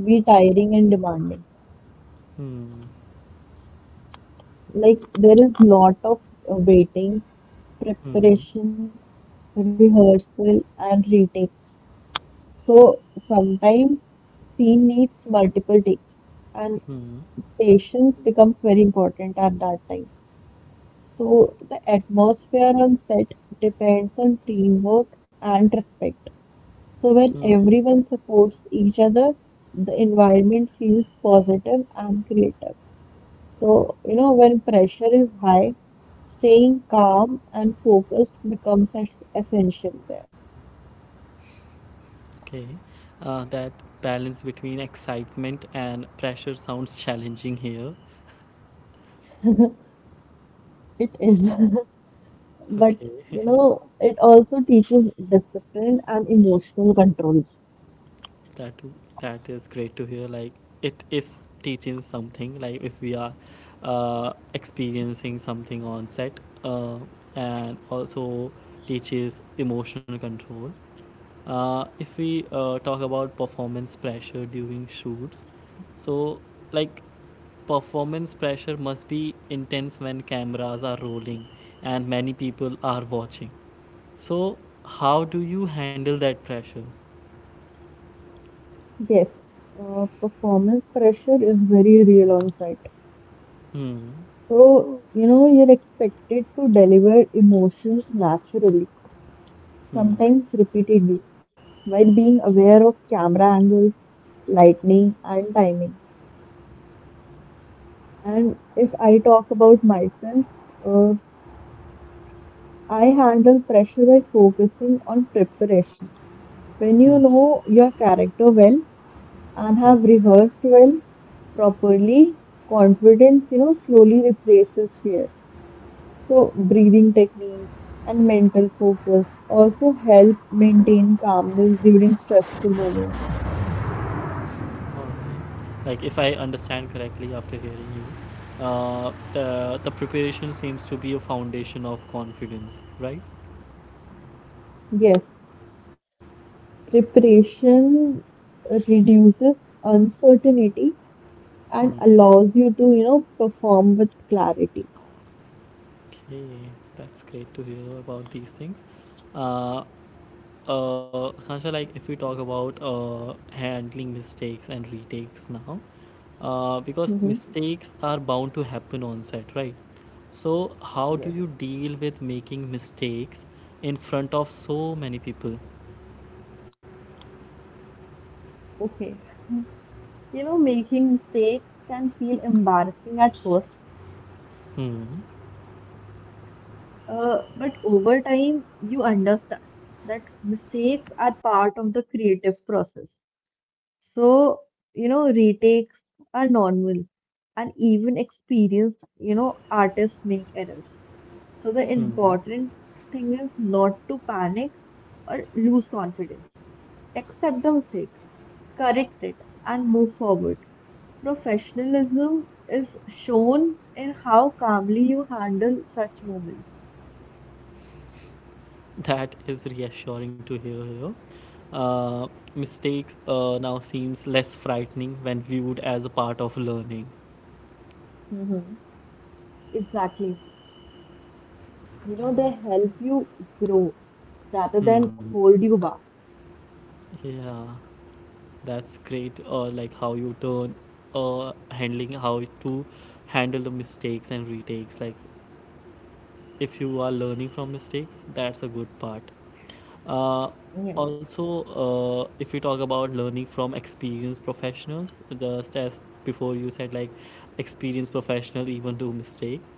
Speaker 2: be tiring and demanding.
Speaker 1: Hmm.
Speaker 2: Like there is lot of waiting,
Speaker 1: Hmm.
Speaker 2: preparation, rehearsal, and retakes. So sometimes scene needs multiple takes, and
Speaker 1: Hmm.
Speaker 2: patience becomes very important at that time. So the atmosphere on set depends on teamwork and respect. So when
Speaker 1: Hmm.
Speaker 2: everyone supports each other, the environment feels positive and creative. So, you know, when pressure is high, staying calm and focused becomes essential there.
Speaker 1: Okay. That balance between excitement and pressure sounds challenging here.
Speaker 2: It is. But,
Speaker 1: Okay.
Speaker 2: you know, it also teaches discipline and emotional control.
Speaker 1: That that is great to hear. Like it is teaching something. Like if we are experiencing something on set, uh, and also teaches emotional control. If we Talk about performance pressure during shoots, so like performance pressure must be intense when cameras are rolling and many people are watching. So, how do you handle that pressure?
Speaker 2: Yes, performance pressure is very real on set.
Speaker 1: Hmm.
Speaker 2: So, you know, you're expected to deliver emotions naturally,
Speaker 1: Hmm.
Speaker 2: sometimes repeatedly, while being aware of camera angles, lighting, and timing. And if I talk about myself, uh, I handle pressure by focusing on preparation. When
Speaker 1: Hmm.
Speaker 2: you know your character well and
Speaker 1: Hmm.
Speaker 2: have rehearsed well properly, confidence, you know, slowly replaces fear. So, breathing techniques and mental focus also help maintain calmness during stressful moments.
Speaker 1: Alright. Like, if I understand correctly after hearing you, the preparation seems to be a foundation of confidence, right?
Speaker 2: Yes, preparation reduces uncertainty and
Speaker 1: Hmm.
Speaker 2: allows you to, you know, perform with clarity.
Speaker 1: Okay, that's great to hear about these things. Uh, Sansha, like if we talk about handling mistakes and retakes now, because
Speaker 2: Mhm.
Speaker 1: mistakes are bound to happen on set, right? So, how do
Speaker 2: Yes.
Speaker 1: you deal with making mistakes in front of so many people?
Speaker 2: Okay. You know, making mistakes can feel embarrassing at first,
Speaker 1: Hmm.
Speaker 2: but over time, you understand that mistakes are part of the creative process. So, you know, retakes are normal, and even experienced, you know, artists make errors. So, the
Speaker 1: Hmm.
Speaker 2: important thing is not to panic or lose confidence. Accept the mistake, correct it, and move forward. Professionalism is shown in how calmly you handle such moments.
Speaker 1: That is reassuring to hear here. Uh, mistakes now seems less frightening when viewed as a part of learning.
Speaker 2: Mm-hmm. Exactly. You know, they help you grow rather than
Speaker 1: Hmm.
Speaker 2: hold you back.
Speaker 1: Yeah, that's great. Or like how you turn, or handling how to handle the mistakes and retakes. Like if you are learning from mistakes, that's a good part. Uh,
Speaker 2: Yes.
Speaker 1: if you talk about learning from experienced professionals, just as before you said, like experienced professional even do mistakes.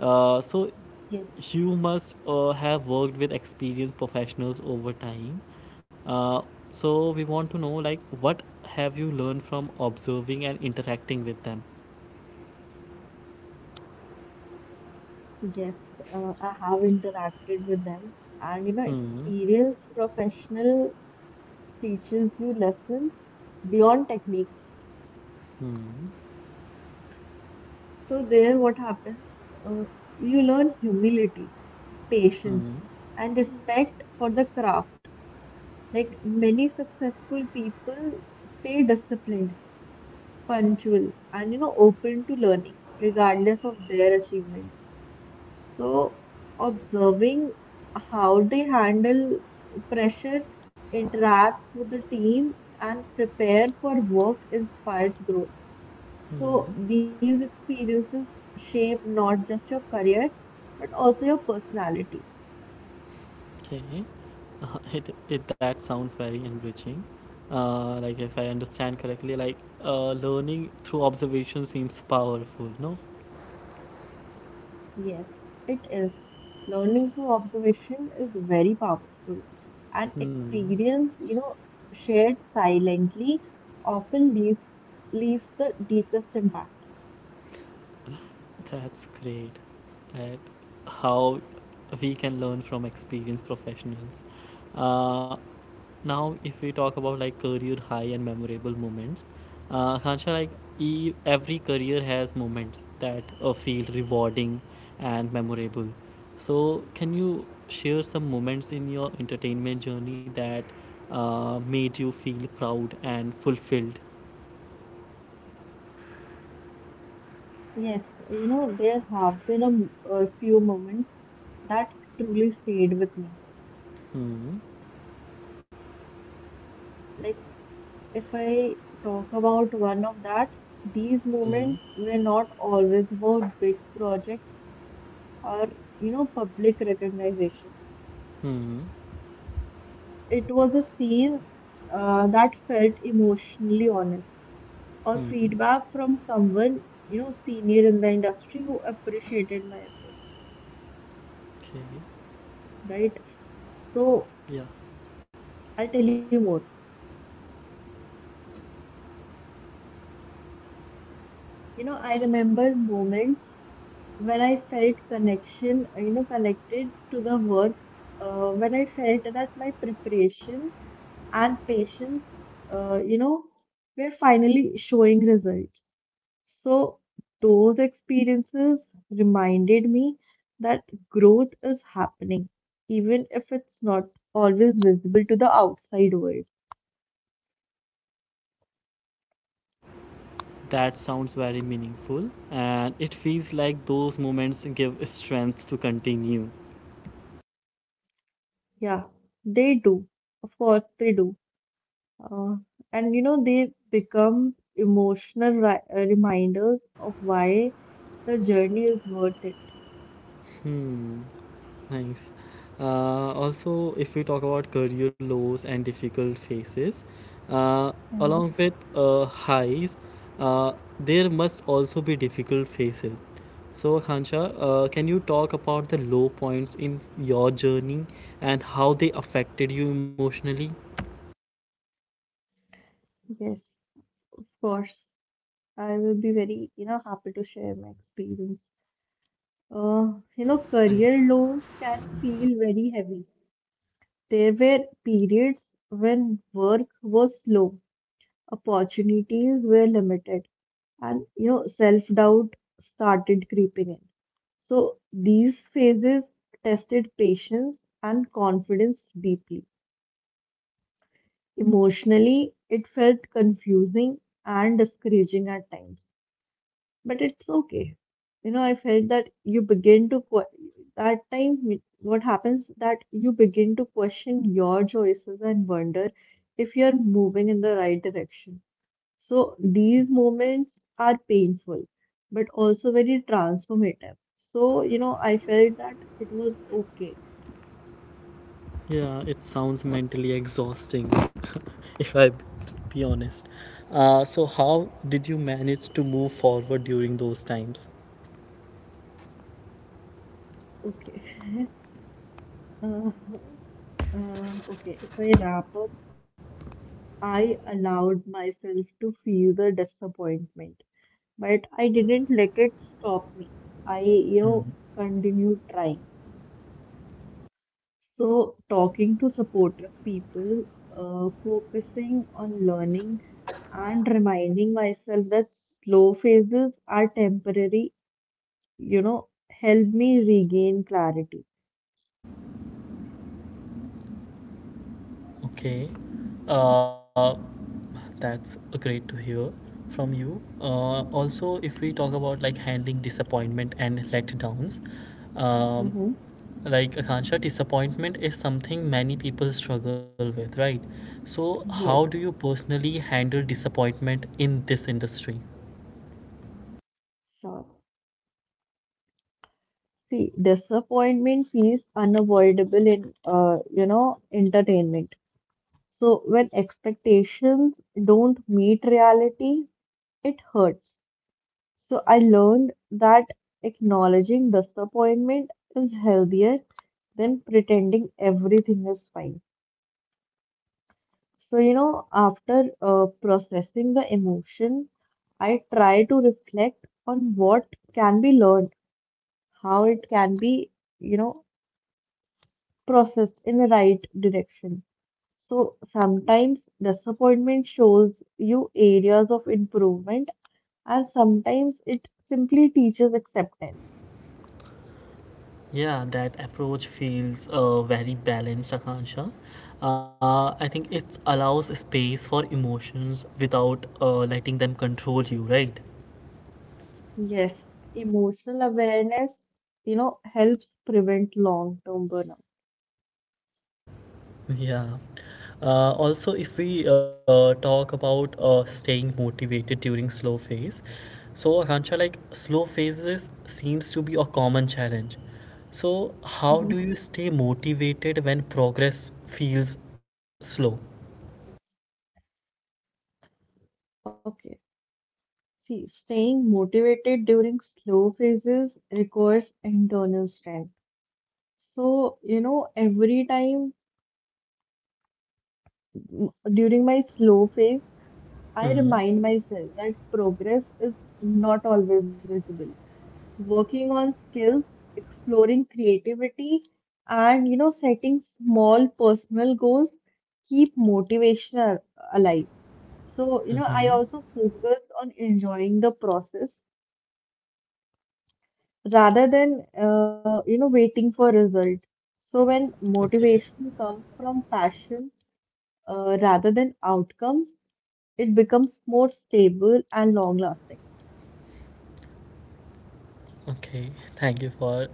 Speaker 1: So
Speaker 2: Yes.
Speaker 1: you must have worked with experienced professionals over time. Uh, so we want to know, like, what have you learned from observing and interacting with them?
Speaker 2: Yes, I have interacted with them, and you know,
Speaker 1: Hmm.
Speaker 2: experienced professional teaches you lesson beyond techniques.
Speaker 1: Hmm.
Speaker 2: So there, what happens? Uh, you learn humility, patience,
Speaker 1: Hmm.
Speaker 2: and respect for the craft. Like many successful people stay disciplined, punctual, and you know, open to learning, regardless of their achievements. So, observing how they handle pressure, interacts with the team, and prepare for work inspires growth.
Speaker 1: Hmm.
Speaker 2: So, these experiences shape not just your career, but also your personality.
Speaker 1: Okay. It that sounds very enriching. Like, if I understand correctly, like learning through observation seems powerful. No.
Speaker 2: Yes, it is. Learning through observation is very powerful. And
Speaker 1: Hmm.
Speaker 2: experience, you know, shared silently often leaves the deepest impact.
Speaker 1: That's great. That how we can learn from experienced professionals. Uh, Now, if we talk about like career high and memorable moments, Hansha, like every career has moments that feel rewarding and memorable. So, can you share some moments in your entertainment journey that made you feel proud and fulfilled?
Speaker 2: Yes, you know, there have been a few moments that truly stayed with me.
Speaker 1: Hmm.
Speaker 2: Like, if I talk about one of that, these
Speaker 1: Hmm.
Speaker 2: moments were not always about big projects or, you know, public recognition.
Speaker 1: Hmm.
Speaker 2: It was a scene that felt emotionally honest, or
Speaker 1: Hmm.
Speaker 2: feedback from someone, you know, senior in the industry who appreciated my efforts,
Speaker 1: Okay.
Speaker 2: right? So,
Speaker 1: Yeah.
Speaker 2: I'll tell you more. You know, I remember moments when I felt connection, you know, connected to the work, when I felt that my preparation and patience, you know, were finally showing results. So those experiences reminded me that growth is happening, even if it's not always visible to the outside world.
Speaker 1: That sounds very meaningful, and it feels like those moments give strength to continue.
Speaker 2: Yeah, they do. Of course, they do. Uh, and you know, they become emotional reminders of why the journey is worth it.
Speaker 1: Hmm. Nice. If we talk about career lows and difficult phases, uh, along
Speaker 2: Mm-hmm.
Speaker 1: with uh, highs, uh, there must also be difficult phases. So, Khansha, can you talk about the low points in your journey and how they affected you emotionally?
Speaker 2: Yes, of course. I will be very, you know, happy to share my experience. You know,
Speaker 1: Like,
Speaker 2: career lows can feel very heavy. There were periods when work was slow, opportunities were limited, and you know, self-doubt started creeping in. So these phases tested patience and confidence deeply. Emotionally, it felt confusing and discouraging at times, but it's okay. You know, I felt that you begin to que- that what happens, that you begin to question your choices and wonder if you're moving in the right direction. So these moments are painful, but also very transformative. So, you know, I felt that it was okay.
Speaker 1: yeah, it sounds mentally exhausting, if I be honest. So, how did you manage to move forward during those times?
Speaker 2: Okay. Uh, okay. If I wrap up, I allowed myself to feel the disappointment, but I didn't let it stop me. I, you
Speaker 1: Mm,
Speaker 2: know, continued trying. So, talking to supportive people, focusing on learning and reminding myself that slow phases are temporary, you know, help me regain clarity.
Speaker 1: okay. Uh, that's great to hear from you. If we talk about like handling disappointment and letdowns, um,
Speaker 2: Mm-hmm.
Speaker 1: like Akansha, disappointment is something many people struggle with, right? So, how do
Speaker 2: Yes,
Speaker 1: you personally handle disappointment in this industry?
Speaker 2: sure. See, disappointment feels unavoidable in, you know, entertainment. So when expectations don't meet reality, it hurts. So I learned that acknowledging disappointment is healthier than pretending everything is fine. So, you know, after processing the emotion, I try to reflect on what can be learned, how it can be, you know, processed in the right direction. So sometimes disappointment shows you areas of improvement, and sometimes it simply teaches acceptance.
Speaker 1: Yeah, that approach feels very balanced, Akansha. I think it allows space for emotions without letting them control you, right?
Speaker 2: Yes, emotional awareness, you know, helps prevent long-term burnout.
Speaker 1: Yeah. Also, if we Talk about staying motivated during slow phase, so Hansha, like slow phases seems to be a common challenge. So, how
Speaker 2: Mhm.
Speaker 1: do you stay motivated when progress feels slow?
Speaker 2: Okay. See, staying motivated during slow phases requires internal strength. So, you know, every time during my slow phase, I
Speaker 1: Hmm.
Speaker 2: remind myself that progress is not always visible. Working on skills, exploring creativity, and, you know, setting small personal goals keep motivation alive. So, you know, I
Speaker 1: Mm-hmm.
Speaker 2: also focus on enjoying the process rather than you know, waiting for result. So when
Speaker 1: Okay.
Speaker 2: motivation comes from passion rather than outcomes, it becomes more stable and long lasting.
Speaker 1: Okay, thank you for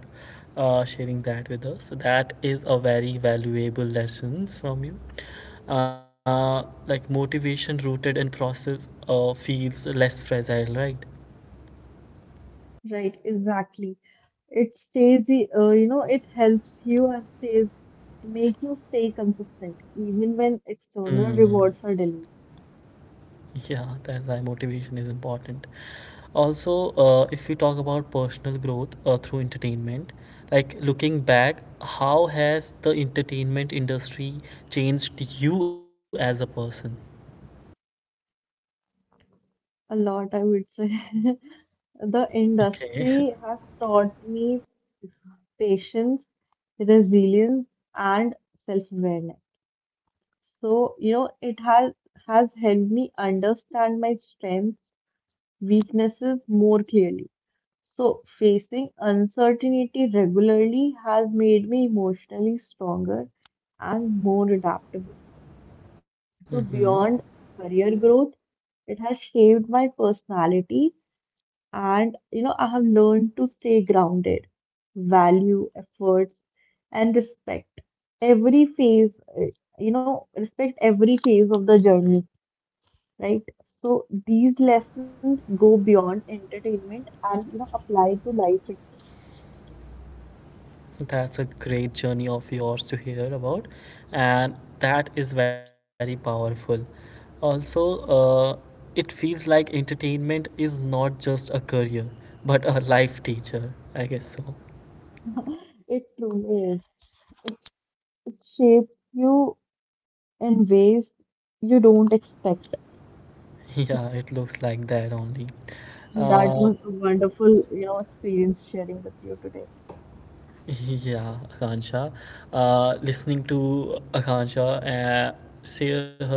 Speaker 1: sharing that with us. That is a very valuable lessons from you. Like motivation rooted in process feels less fragile, right?
Speaker 2: Right, exactly. It stays you know, it helps you and stays, make you stay consistent even when
Speaker 1: Hmm.
Speaker 2: external rewards are delayed.
Speaker 1: Yeah, that's why motivation is important. Also, if we talk about personal growth through entertainment, like looking back, how has the entertainment industry changed you as a person?
Speaker 2: A lot, I would say. The
Speaker 1: Okay.
Speaker 2: industry has taught me patience, resilience, and self-awareness. So, you know, it has helped me understand my strengths, weaknesses more clearly. So, facing uncertainty regularly has made me emotionally stronger and more adaptable.
Speaker 1: Mm-hmm.
Speaker 2: So, beyond career growth, it has shaped my personality, and you know, I have learned to stay grounded, value efforts, and respect every phase, you know, respect every phase of the journey, right? So these lessons go beyond entertainment, and you know, apply to life itself.
Speaker 1: That's a great journey of yours to hear about, and that is very powerful. Also, uh, it feels like entertainment is not just a career, but a life teacher, I guess so.
Speaker 2: It truly is. It shapes you in ways you don't expect.
Speaker 1: Yeah, it looks like that only.
Speaker 2: That
Speaker 1: Uh,
Speaker 2: was a wonderful, you know, experience sharing with you today.
Speaker 1: yeah, Akansha. Listening to Akansha share her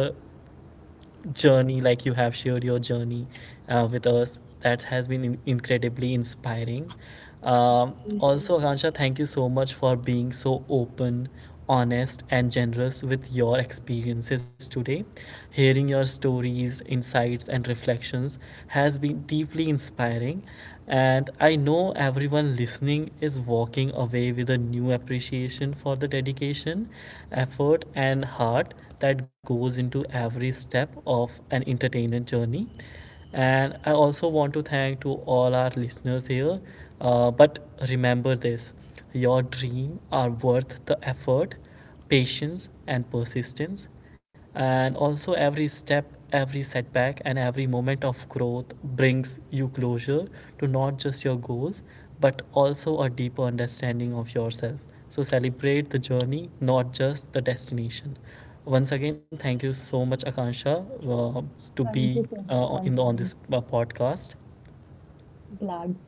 Speaker 1: journey, like you have shared your journey with us. That has been incredibly inspiring. Akansha, thank you so much for being so open, honest, and generous with your experiences today. Hearing your stories, insights, and reflections has been deeply inspiring. And I know everyone listening is walking away with a new appreciation for the dedication, effort, and heart that goes into every step of an entertainment journey. And I also want to thank to all our listeners here, but remember this: your dreams are worth the effort, patience and persistence. And also, every step, every setback, and every moment of growth brings you closure to not just your goals, but also a deeper understanding of yourself. So, celebrate the journey, not just the destination. Once again, thank you so much, Akansha, to be
Speaker 2: Thank you so much,
Speaker 1: in the, on this
Speaker 2: Sanjay.
Speaker 1: podcast.
Speaker 2: Glad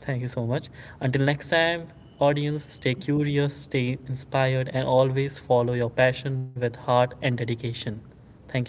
Speaker 1: Thank you so much. Until next time, audience, stay curious, stay inspired, and always follow your passion with heart and dedication. Thank you.